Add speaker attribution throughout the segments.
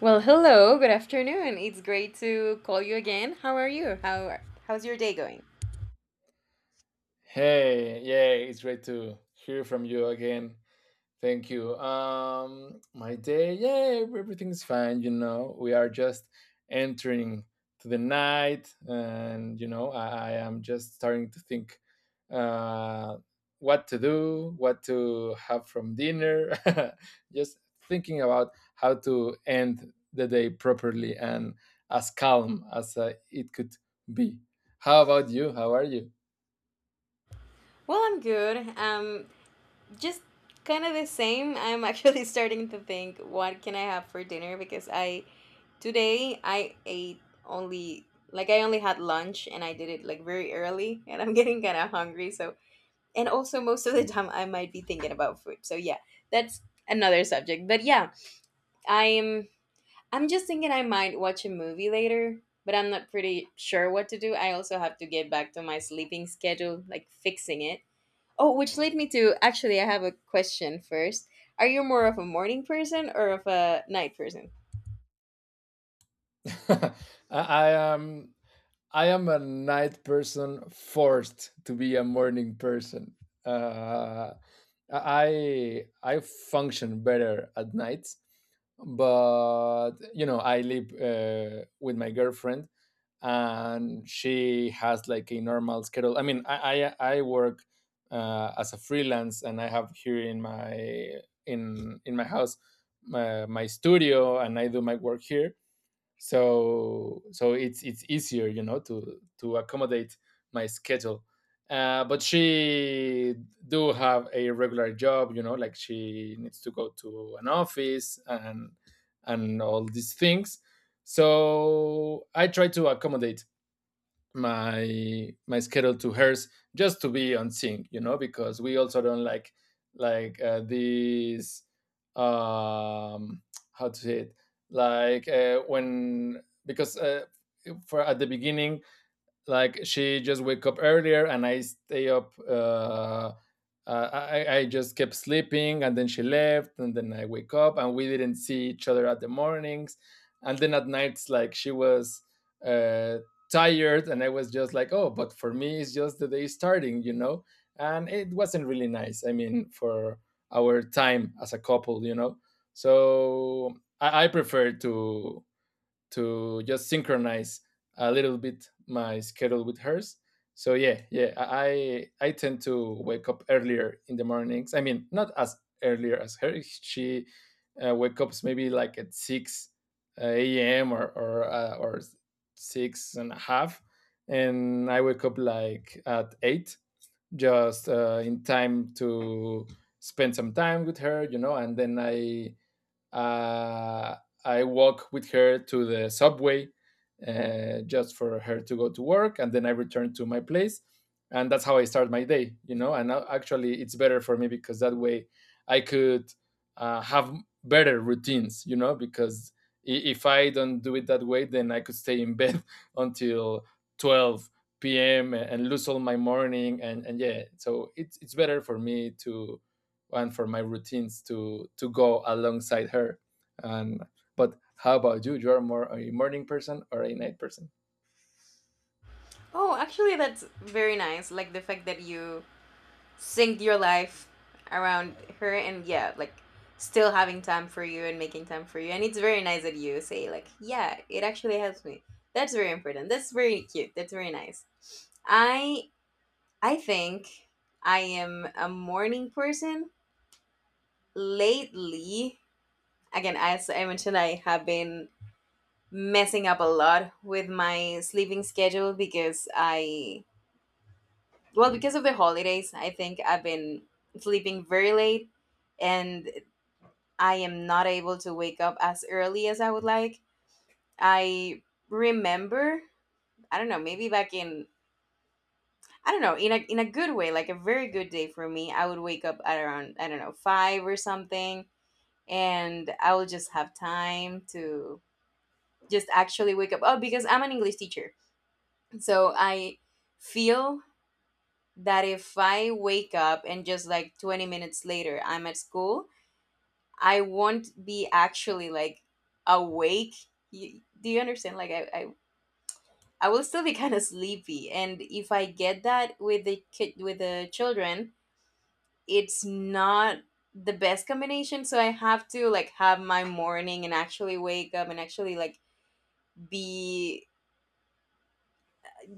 Speaker 1: Well, hello, good afternoon. It's great to call you again. How are you? How's your day going?
Speaker 2: Hey, yeah, it's great to hear from you again. Thank you. My day, yeah, everything's fine. You know, we are just entering to the night, and you know, I am just starting to think uh, what to do, what to have from dinner. Just thinking about how to end the day properly and as calm as it could be. How about you? How are you?
Speaker 1: Well, I'm good. Just kind of the same. I'm actually starting to think what can I have for dinner because I today I only had lunch and I did it like very early and I'm getting kind of hungry, so and also most of the time I might be thinking about food. So yeah, that's another subject. But yeah, I'm I'm just thinking I might watch a movie later, but I'm not pretty sure what to do. I also have to get back to my sleeping schedule, like fixing it. Oh, which led me to, actually, I have a question first. Are you more of a morning person or of a night person?
Speaker 2: I, I am I am a night person forced to be a morning person. Uh, I function better at night, but you know I live with my girlfriend, and she has like a normal schedule. I mean I work as a freelance, and I have here in my in my house my studio, and I do my work here, so it's easier, you know, to accommodate my schedule, but she do have a regular job, you know, like she needs to go to an office and all these things. So I try to accommodate my schedule to hers, just to be on sync, you know, because we also don't like these um how to say it, like when because for at the beginning, like she just wake up earlier and I stay up I just kept sleeping, and then she left, and then I wake up, and we didn't see each other at the mornings. And then at nights, like she was uh, tired, and I was just like, oh, but for me it's just the day starting, you know. And it wasn't really nice, I mean for our time as a couple, you know. So I prefer to just synchronize a little bit my schedule with hers. So yeah, yeah, I tend to wake up earlier in the mornings. I mean, not as earlier as her. She wake ups maybe like at six a.m. or or six and a half, and I wake up like at eight, just in time to spend some time with her, you know. And then uh, I walk with her to the subway, just for her to go to work, and then I return to my place, and that's how I start my day. You know, and actually it's better for me, because that way I could have better routines. You know, because if I don't do it that way, then I could stay in bed until 12 p.m. and lose all my morning, and yeah, so it's better for me to and for my routines to go alongside her. And but how about you? You are more a morning person or a night person?
Speaker 1: Oh, actually, that's very nice, like the fact that you sync your life around her, and yeah, like still having time for you and making time for you, and it's very nice that you say like, yeah, it actually helps me. That's very important, that's very cute, that's very nice. I i think I am a morning person lately. Again, as I mentioned, I have been messing up a lot with my sleeping schedule because I, well, because of the holidays, I think I've been sleeping very late and I am not able to wake up as early as I would like. I remember, I don't know, maybe back in, I don't know, in a good way, like a very good day for me, I would wake up at around, I don't know, 5 or something, and I will just have time to just actually wake up. Oh, because I'm an English teacher. So I feel that if I wake up and just like 20 minutes later I'm at school, I won't be actually like awake. You, do you understand? Like I will still be kind of sleepy, and if I get that with the children, it's not the best combination. So I have to like have my morning and actually wake up and actually like be,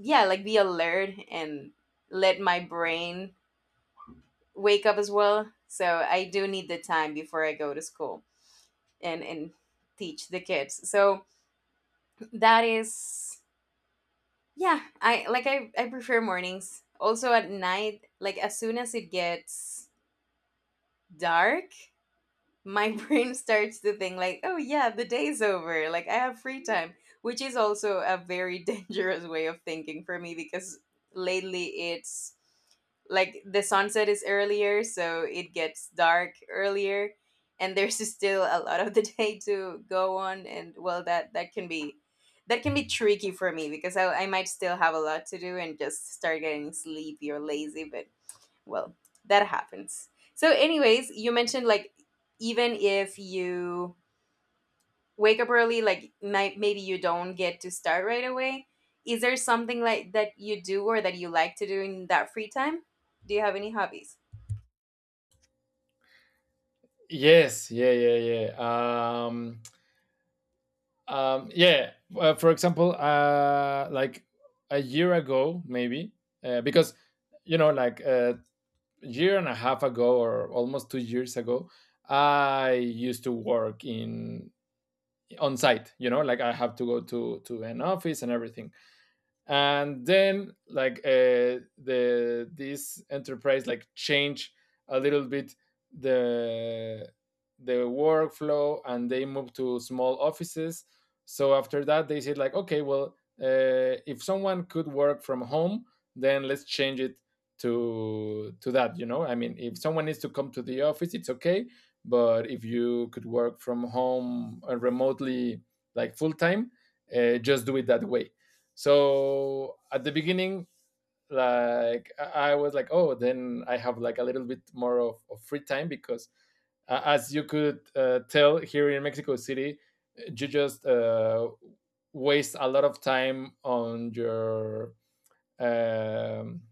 Speaker 1: yeah, like be alert and let my brain wake up as well. So I do need the time before I go to school and teach the kids. So that is, yeah, I like, I prefer mornings. Also at night, like as soon as it gets dark, my brain starts to think like, oh yeah, the day's over, like I have free time, which is also a very dangerous way of thinking for me because lately it's like the sunset is earlier, so it gets dark earlier and there's still a lot of the day to go on. And well, that can be tricky for me because I might still have a lot to do and just start getting sleepy or lazy, but well, that happens. So anyways, you mentioned like, even if you wake up early, like, maybe you don't get to start right away. Is there something like that you do or that you like to do in that free time? Do you have any hobbies?
Speaker 2: Yes, yeah, yeah, yeah. Um, yeah. For example, like a year ago, maybe because you know, like a year and a half ago or almost 2 years ago, I used to work in on site. You know, like I have to go to an office and everything. And then like the this enterprise like change a little bit the workflow, and they move to small offices. So after that they said like, okay, well, if someone could work from home, then let's change it to that, you know. I mean, if someone needs to come to the office, it's okay, but if you could work from home, remotely, like full time, just do it that way. So at the beginning, like I was like, oh, then I have like a little bit more of free time, because, as you could tell, here in Mexico City, you just waste a lot of time on your um,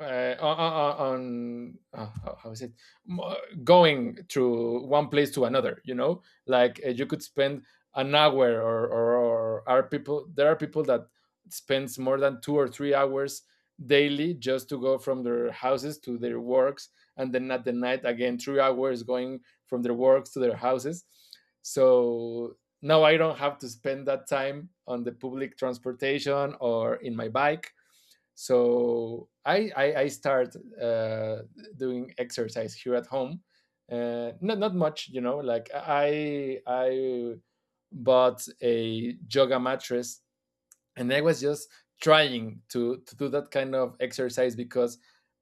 Speaker 2: uh, on, on how is it going through one place to another, you know. Like you could spend an hour, or are people there are people that spends more than 2 or 3 hours daily just to go from their houses to their works, and then at the night again 3 hours going from their works to their houses. So now I don't have to spend that time on the public transportation or in my bike. So I start uh, doing exercise here at home. Not not much, you know. I bought a yoga mattress, and I was just trying to do that kind of exercise, because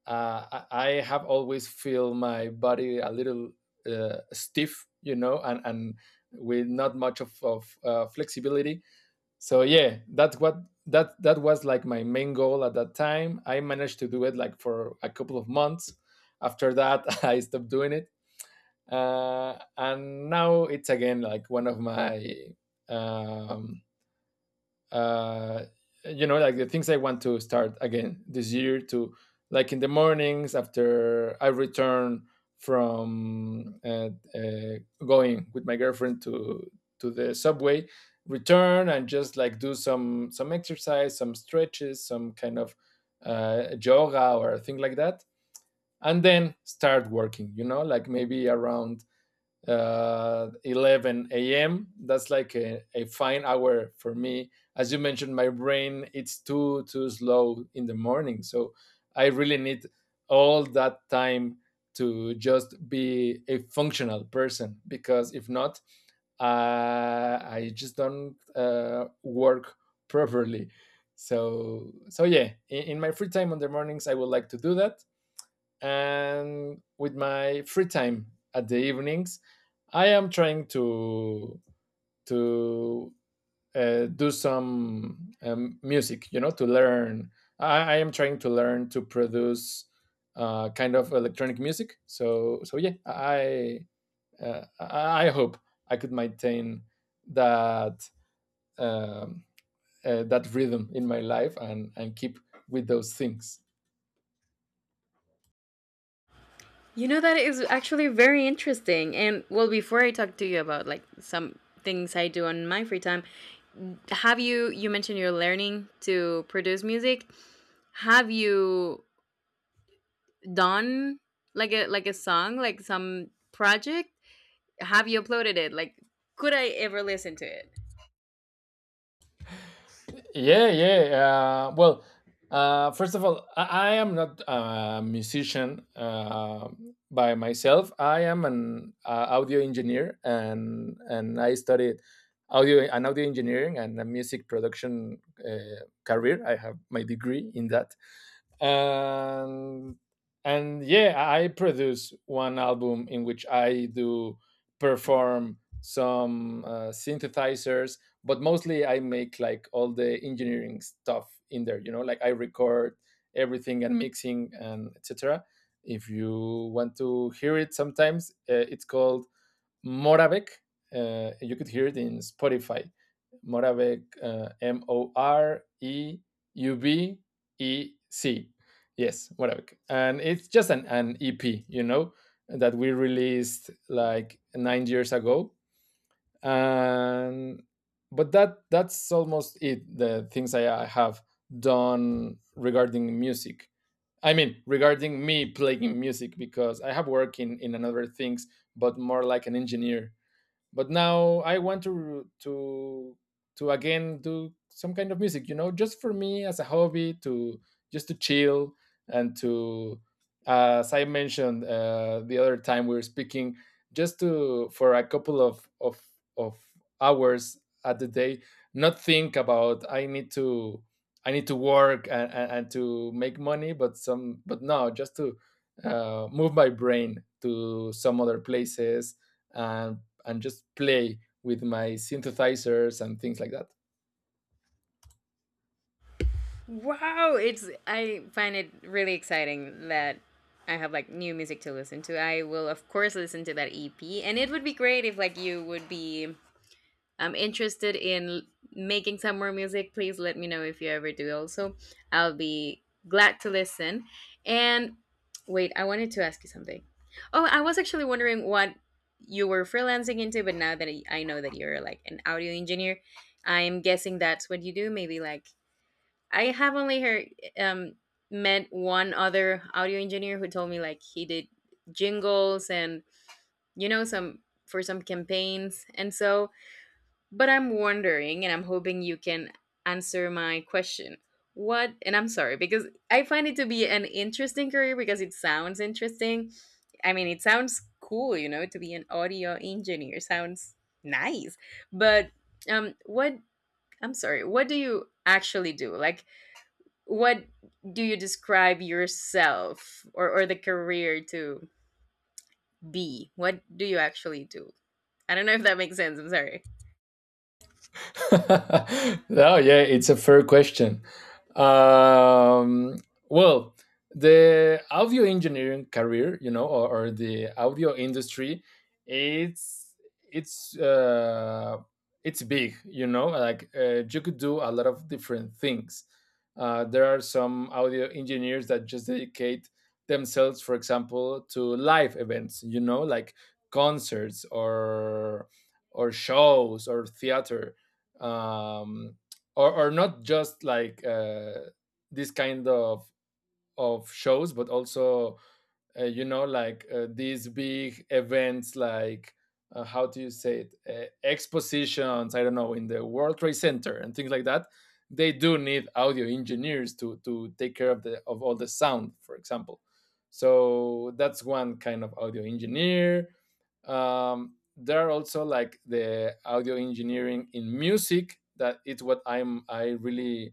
Speaker 2: I have always feel my body a little stiff, you know, and with not much of flexibility. So yeah, that's what that was like my main goal at that time. I managed to do it like for a couple of months. After that I stopped doing it, and now it's again like one of my um, uh, you know, like the things I want to start again this year, to like in the mornings after I return from uh, going with my girlfriend to the subway, return and just like do some exercise, some stretches, some kind of yoga or a thing like that, and then start working, you know, like maybe around 11 a.m. That's like a fine hour for me. As you mentioned, my brain it's too slow in the morning, so I really need all that time to just be a functional person, because if not, uh, I just don't work properly. So so yeah, in my free time on the mornings, I would like to do that. And with my free time at the evenings, I am trying to to do some music, you know, to learn. I am trying to learn to produce kind of electronic music. So so yeah, I hope I could maintain that um, that rhythm in my life, and keep with those things.
Speaker 1: You know, that is actually very interesting. And well, before I talk to you about like some things I do on my free time, have you you mentioned you're learning to produce music. Have you done like a song, like some project? Have you uploaded it? Like, could I ever listen to it?
Speaker 2: Yeah, yeah. Well, first of all, I am not a musician by myself. I am an audio engineer, and I studied audio and audio engineering and a music production career. I have my degree in that. and and yeah, I produce one album in which I do perform some synthesizers, but mostly I make like all the engineering stuff in there. You know, like I record everything and mixing and etc. If you want to hear it, sometimes it's called Moravec. You could hear it in Spotify. Moravec, Moreubec. Yes, Moravec. And it's just an EP, you know, that we released like 9 years ago. And but that that's almost it. The things I have done regarding music. I mean, regarding me playing music, because I have worked in another things, but more like an engineer. But now I want to again do some kind of music, you know, just for me as a hobby to just to chill, and to, as I mentioned, the other time we were speaking, just to for a couple of hours at the day, not think about I need to work, and to make money. But some, but no, just to move my brain to some other places, and just play with my synthesizers and things like that.
Speaker 1: Wow, it's, I find it really exciting that I have like new music to listen to. I will of course listen to that EP, and it would be great if like you would be, I'm interested in making some more music. Please let me know if you ever do also. I'll be glad to listen. And wait, I wanted to ask you something. Oh, I was actually wondering what you were freelancing into, but now that I know that you're like an audio engineer, I'm guessing that's what you do. Maybe like, I have only heard, um met one other audio engineer who told me like he did jingles and, some for some campaigns and so, but I'm wondering, and I'm hoping you can answer my question. What, and I'm sorry, because I find it to be an interesting career because it sounds interesting. I mean, it sounds cool, you know, to be an audio engineer sounds nice. But what, I'm sorry, what do you actually do? Like, what do you describe yourself or the career to be? What do you actually do? I don't know if that makes sense. I'm sorry.
Speaker 2: No, yeah, it's a fair question. Um, well, the audio engineering career, you know, or the audio industry, it's it's uh, it's big, you know. Like you could do a lot of different things. There are some audio engineers that just dedicate themselves, for example, to live events, you know, like concerts or shows or theater, um, or not just like this kind of shows, but also you know, like these big events, like how do you say it, expositions, I don't know, in the World Trade Center and things like that. They do need audio engineers to take care of the of all the sound, for example. So that's one kind of audio engineer. There are also like the audio engineering in music that it's what I really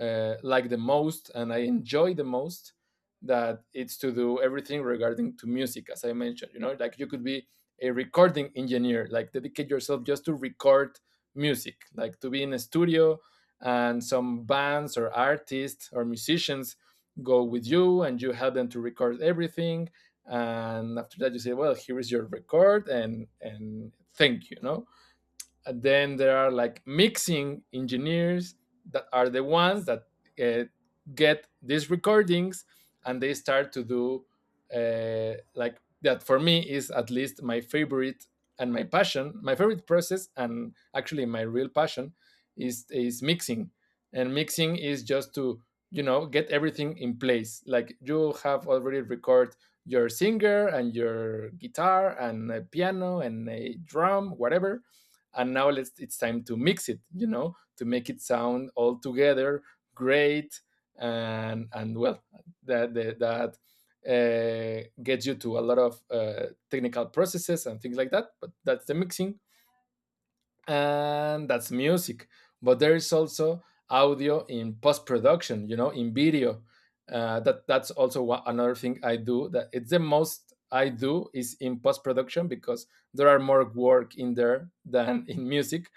Speaker 2: like the most and I enjoy the most, that it's to do everything regarding to music as I mentioned, you know, like you could be a recording engineer, like dedicate yourself just to record music, like to be in a studio and some bands or artists or musicians go with you and you help them to record everything. And after that you say, well, here is your record and thank you, you know. And then there are like mixing engineers that are the ones that uh, get these recordings and they start to do, like, that for me is at least my favorite and my passion, my favorite process, and actually my real passion is mixing. And mixing is just to, you know, get everything in place, like you have already record your singer and your guitar and a piano and a drum, whatever, and now let's it's time to mix it, you know, to make it sound all together great. And well, that gets you to a lot of technical processes and things like that, but that's the mixing, and that's music. But there is also audio in post production, you know, in video, that's also one, another thing I do that it's the most I do, is in post production, because there are more work in there than in music.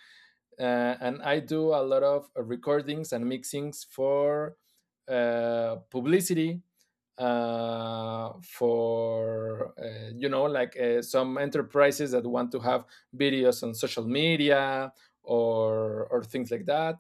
Speaker 2: And I do a lot of recordings and mixings for publicity, for you know, like some enterprises that want to have videos on social media or things like that.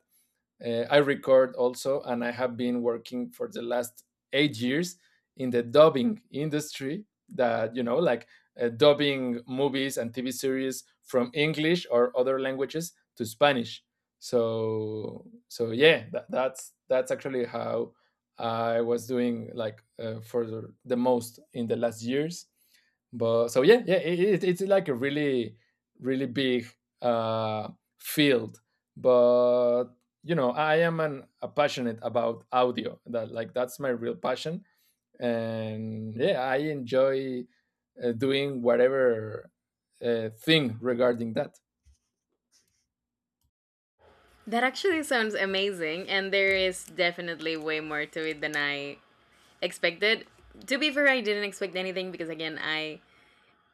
Speaker 2: I record also, and I have been working for the last 8 years in the dubbing industry. That, you know, like dubbing movies and TV series from English or other languages to Spanish. So yeah, that's actually how I was doing, like, for the most in the last years. But so yeah, yeah, it's like a really, really big uh, field. But you know, I am an a passionate about audio, that like that's my real passion, and yeah, I enjoy doing whatever thing regarding that.
Speaker 1: That actually sounds amazing, and there is definitely way more to it than I expected. To be fair, I didn't expect anything because, again, I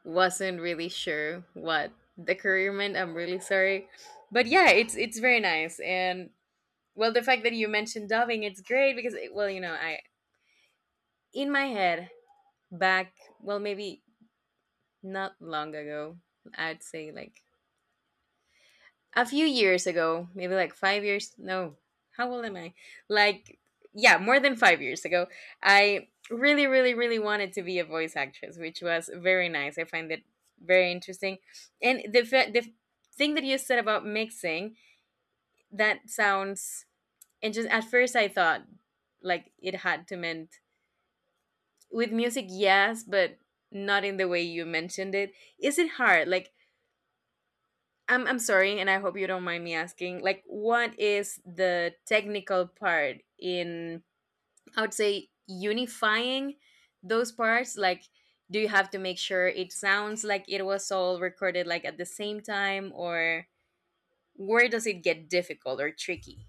Speaker 1: wasn't really sure what the career meant. I'm really sorry, but yeah, it's very nice. And well, the fact that you mentioned dubbing, it's great because, it, well, you know, I, in my head back, well, maybe not long ago, I'd say like a few years ago, maybe like 5 years. No, how old am I? Like, yeah, more than 5 years ago, I really, really, really wanted to be a voice actress, which was very nice. I find it very interesting. And the thing that you said about mixing, that sounds. And just at first, I thought like it had to meant with music, yes, but not in the way you mentioned it. Is it hard? Like, I'm sorry, and I hope you don't mind me asking. Like, what is the technical part in? I would say unifying those parts. Like, do you have to make sure it sounds like it was all recorded like at the same time, or where does it get difficult or tricky?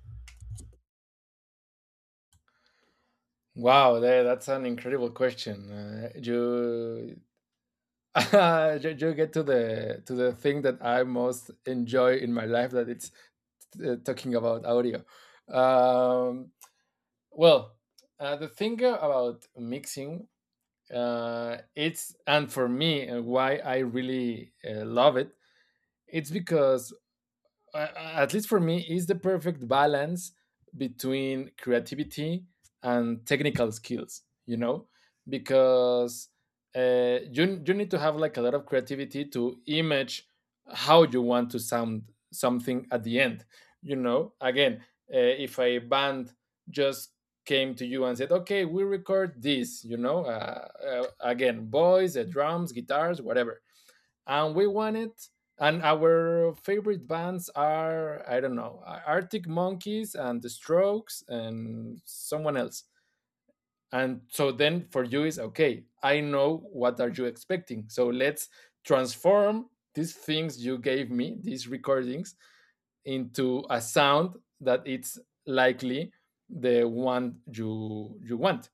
Speaker 2: Wow, that's an incredible question. You You get to the thing that I most enjoy in my life, that it's talking about audio. um well, the thing about mixing, it's, and for me, why I really love it, it's because, uh, at least for me, is the perfect balance between creativity and technical skills. You know, because you need to have like a lot of creativity to image how you want to sound something at the end. You know, again, if a band just came to you and said, "Okay, we record this," you know, again, voice, drums, guitars, whatever, and we want it. And our favorite bands are, I don't know, Arctic Monkeys and The Strokes and someone else. And so then for you is, okay, I know what are you expecting. So let's transform these things you gave me, these recordings, into a sound that it's likely the one you want.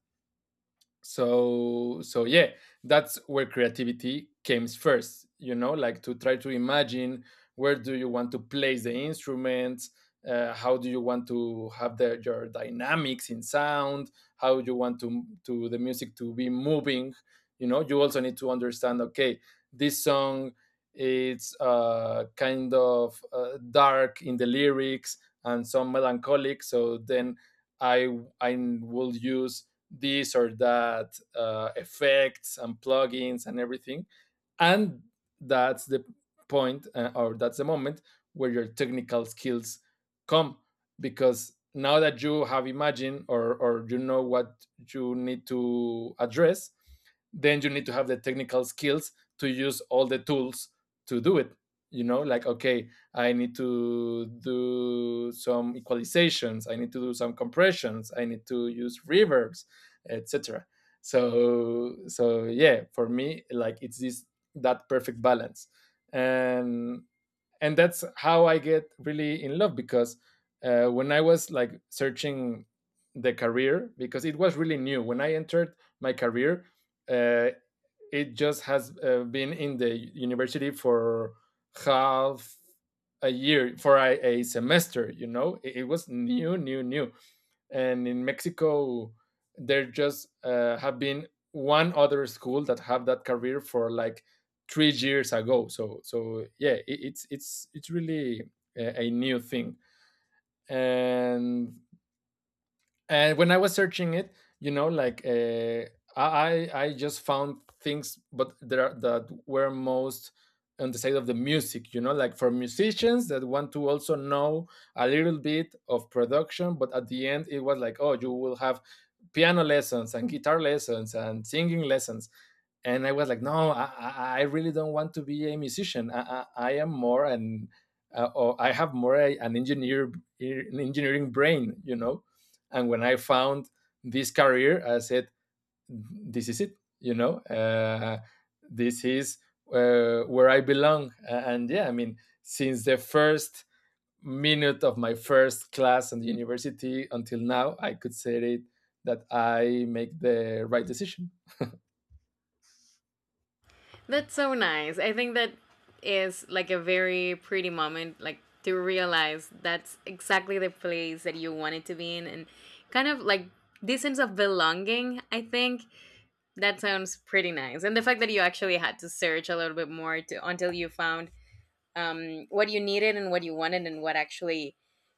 Speaker 2: So yeah, that's where creativity comes first, you know, like, to try to imagine where do you want to place the instruments, how do you want to have the, your dynamics in sound, how you want to the music to be moving. You know, you also need to understand, okay, this song, it's kind of dark in the lyrics and some melancholic, so then i I will use this or that effects and plugins and everything. And that's the point, or that's the moment where your technical skills come, because now that you have imagined, or you know what you need to address, then you need to have the technical skills to use all the tools to do it. You know, like, okay, I need to do some equalizations, I need to do some compressions, I need to use reverbs, etc. So yeah, for me, like, it's this, that perfect balance. And and that's how I get really in love, because when I was like searching the career, because it was really new when I entered my career. uh, it just has been in the university for half a year, for a semester, you know, it was new, new, new. And in Mexico there just have been one other school that have that career for like 3 years ago. So yeah, it's it's really a new thing. and and when I was searching it, you know, like, I just found things, but there are, that were most on the side of the music, you know, like, for musicians that want to also know a little bit of production. But at the end it was like, oh, you will have piano lessons and guitar lessons and singing lessons. And I was like, no, really don't want to be a musician. I am more an or I have more an engineer, an engineering brain, you know. And when I found this career, I said, this is it, you know. This is where I belong. And yeah, I mean, since the first minute of my first class in the university until now, I could say it, that I make the right decision.
Speaker 1: That's so nice. I think that is like a very pretty moment, like to realize that's exactly the place that you wanted to be in, and kind of like this sense of belonging. I think that sounds pretty nice. And the fact that you actually had to search a little bit more until you found, what you needed and what you wanted and what actually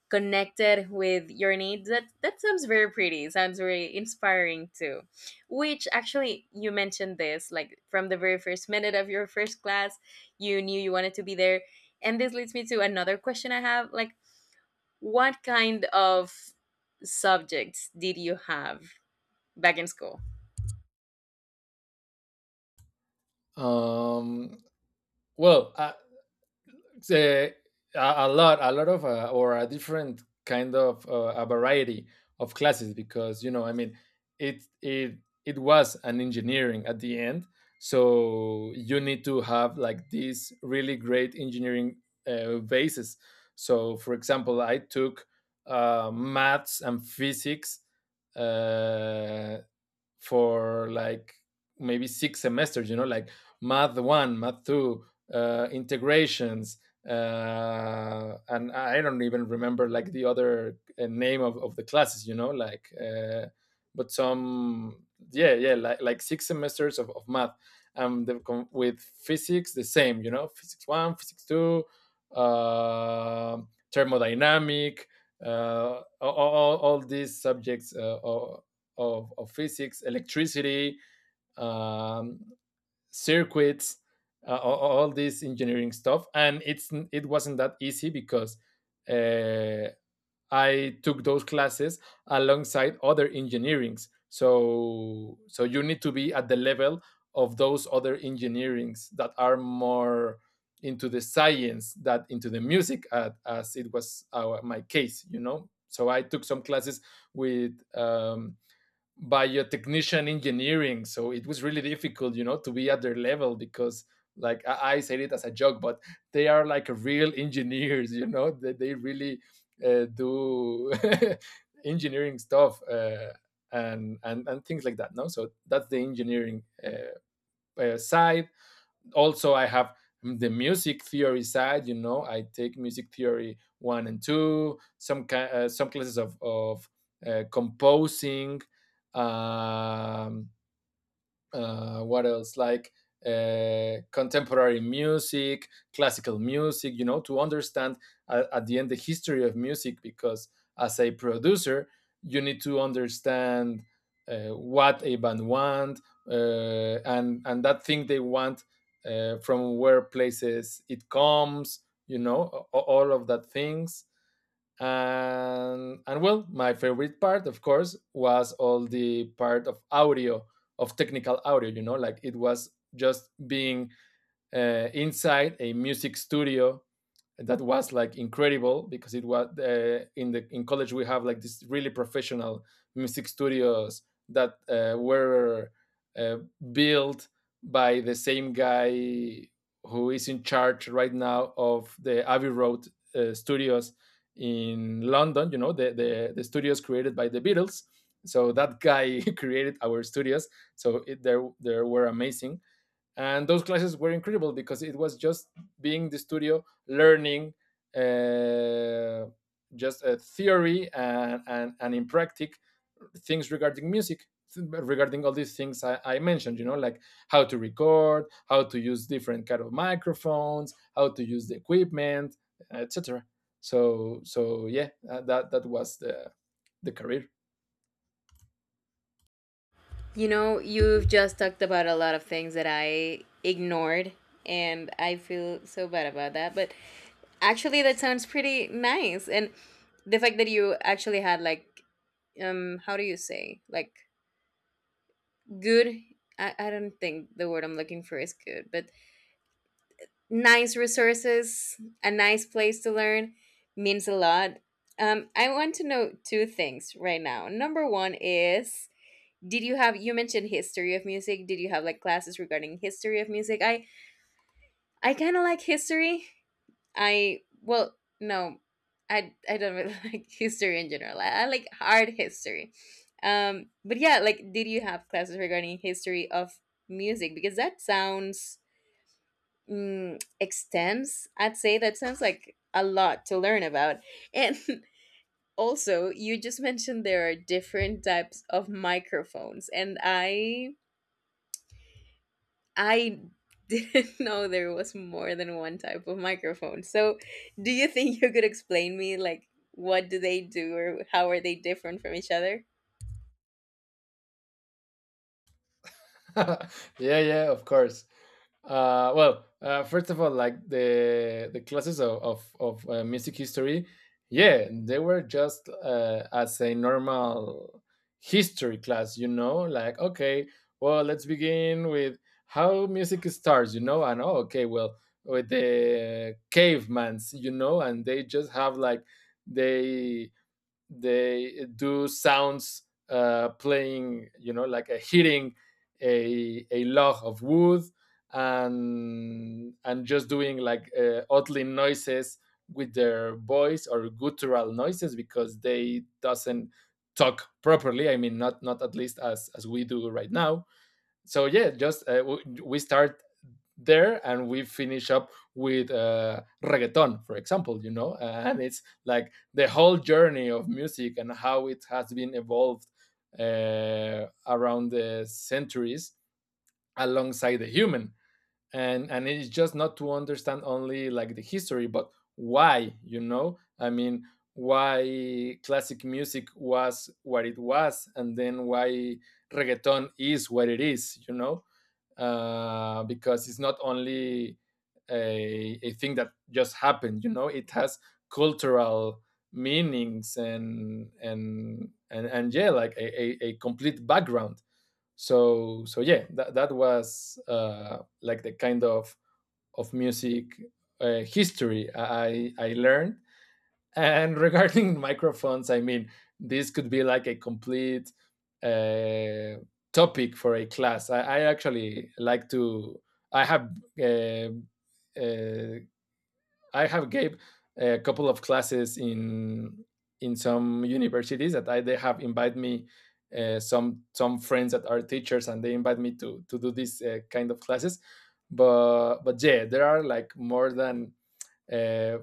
Speaker 1: connected with your needs, that sounds very pretty, sounds very inspiring too, which, actually, you mentioned this like from the very first minute of your first class, you knew you wanted to be there. And this leads me to another question I have, like, what kind of subjects did you have back in school?
Speaker 2: Um, well, I, say, a lot, a lot of, or a different kind of a variety of classes, because you know, I mean, it it it was an engineering at the end, so you need to have like these really great engineering bases. So, for example, I took maths and physics uh, for like maybe six semesters, you know, like math one, math two, integrations, and I don't even remember like the other name of the classes, you know, like, but some, yeah, yeah, like six semesters of math. um, the, with physics the same, you know, physics one, physics two, uh, thermodynamic, all these subjects of physics, electricity, um, circuits, all this engineering stuff. And it wasn't that easy, because uh, I took those classes alongside other engineerings. So so you need to be at the level of those other engineerings that are more into the science that into the music, as it was my case, you know. So I took some classes with biotechnician engineering, so it was really difficult, you know, to be at their level, because like I said it as a joke, but they are like real engineers, you know, they really do engineering stuff, and things like that. No, so that's the engineering side. Also I have the music theory side, you know, I take music theory one and two, some some classes of composing, um what else, like contemporary music, classical music, you know, to understand at the end the history of music, because as a producer you need to understand what a band want, and that thing they want, from where places it comes, you know, all of that things. And well, my favorite part, of course, was all the part of audio, of technical audio, you know, like, it was just being inside a music studio. That was like incredible, because it was, in college we have like this really professional music studios that were uh, built by the same guy who is in charge right now of the Abbey Road studios in London. You know, the studios created by the Beatles. So that guy created our studios. So there there were amazing, and those classes were incredible, because it was just being in the studio, learning uh, just a theory, and in practice, things regarding music, regarding all these things I mentioned, you know, like, how to record, how to use different kind of microphones, how to use the equipment, etc. So yeah, that was the career.
Speaker 1: You know, you've just talked about a lot of things that I ignored, and I feel so bad about that. But actually, that sounds pretty nice. And the fact that you actually had, like, how do you say, like, good. I don't think the word I'm looking for is good, but nice resources, a nice place to learn means a lot. I want to know two things right now. Number one is, did you have you mentioned history of music, did you have like classes regarding history of music? I kind of like history. I, well, no, I don't really like history in general. I like art history. But yeah, like, did you have classes regarding history of music, because that sounds, extense, I'd say. That sounds like a lot to learn about. And also, you just mentioned there are different types of microphones, and I didn't know there was more than one type of microphone. So, do you think you could explain me like what do they do or how are they different from each other?
Speaker 2: Yeah, yeah, of course. Well, first of all, like the classes of music history, yeah, they were just as a normal history class, you know, like, okay, well, let's begin with how music starts, you know, and oh, okay, well, with the cavemans, you know, and they just have like they they do sounds, playing, you know, like a hitting a log of wood, and just doing like oddly noises with their voice, or guttural noises, because they doesn't talk properly, I mean, not, not at least as we do right now. So yeah, just, we start there, and we finish up with reggaeton, for example, you know, and it's like the whole journey of music and how it has been evolved around the centuries, alongside the human. And it's just not to understand only like the history, but why, you know, I mean, why classic music was what it was, and then why reggaeton is what it is, you know. Because it's not only a thing that just happened, you know, it has cultural meanings and yeah, like a complete background. So yeah, that was, like, the kind of music history I learned. And regarding microphones, I mean, this could be like a complete uh, topic for a class. I actually like to. I have uh, uh, I have gave a couple of classes in some universities that they have invited me, some friends that are teachers, and they invite me to do this kind of classes. But yeah, there are like more than uh,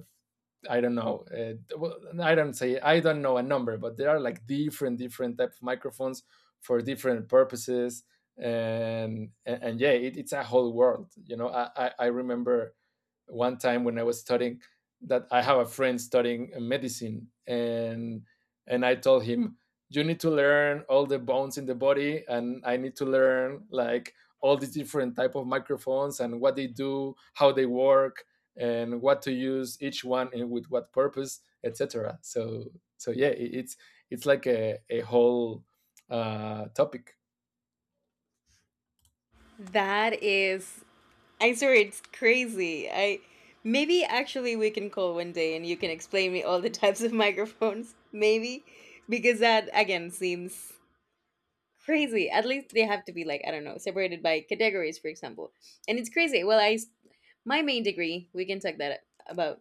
Speaker 2: I don't know. Well, I don't say I don't know a number, but there are like different, different type of microphones for different purposes. And yeah, it, it's a whole world. You know, I remember one time when I was studying, that I have a friend studying medicine, and I told him, you need to learn all the bones in the body, and I need to learn like all the different type of microphones, and what they do, how they work, and what to use each one, and with what purpose, etc. So so yeah, it's it's like a whole topic.
Speaker 1: That is, I swear, it's crazy. I, maybe actually we can call one day and you can explain me all the types of microphones. Maybe, because that again seems crazy. At least they have to be like, I don't know, separated by categories, for example. And it's crazy. Well, my main degree, we can talk that about.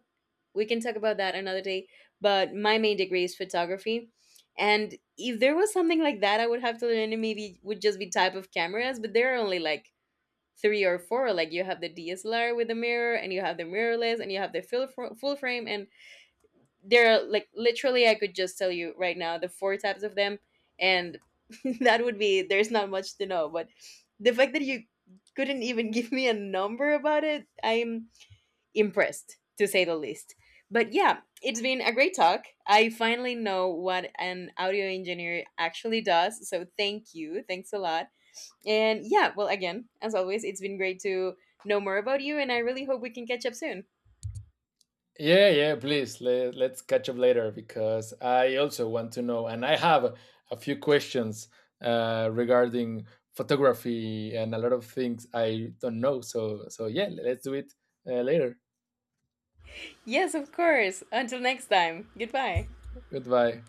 Speaker 1: We can talk about that another day. But my main degree is photography, and if there was something like that, I would have to learn. It maybe would just be type of cameras, but there are only like three or four. Like you have the DSLR with the mirror, and you have the mirrorless, and you have the full frame, and they're like literally, I could just tell you right now the four types of them. And that would be, there's not much to know, but the fact that you couldn't even give me a number about it, I'm impressed to say the least. But yeah, it's been a great talk. I finally know what an audio engineer actually does, so thank you, thanks a lot. And yeah, well, again, as always, it's been great to know more about you, and I really hope we can catch up soon.
Speaker 2: Yeah, yeah, please. Let's catch up later, because I also want to know, and I have a few questions regarding photography, and a lot of things I don't know. So yeah, let's do it later.
Speaker 1: Yes, of course. Until next time, goodbye.
Speaker 2: Goodbye.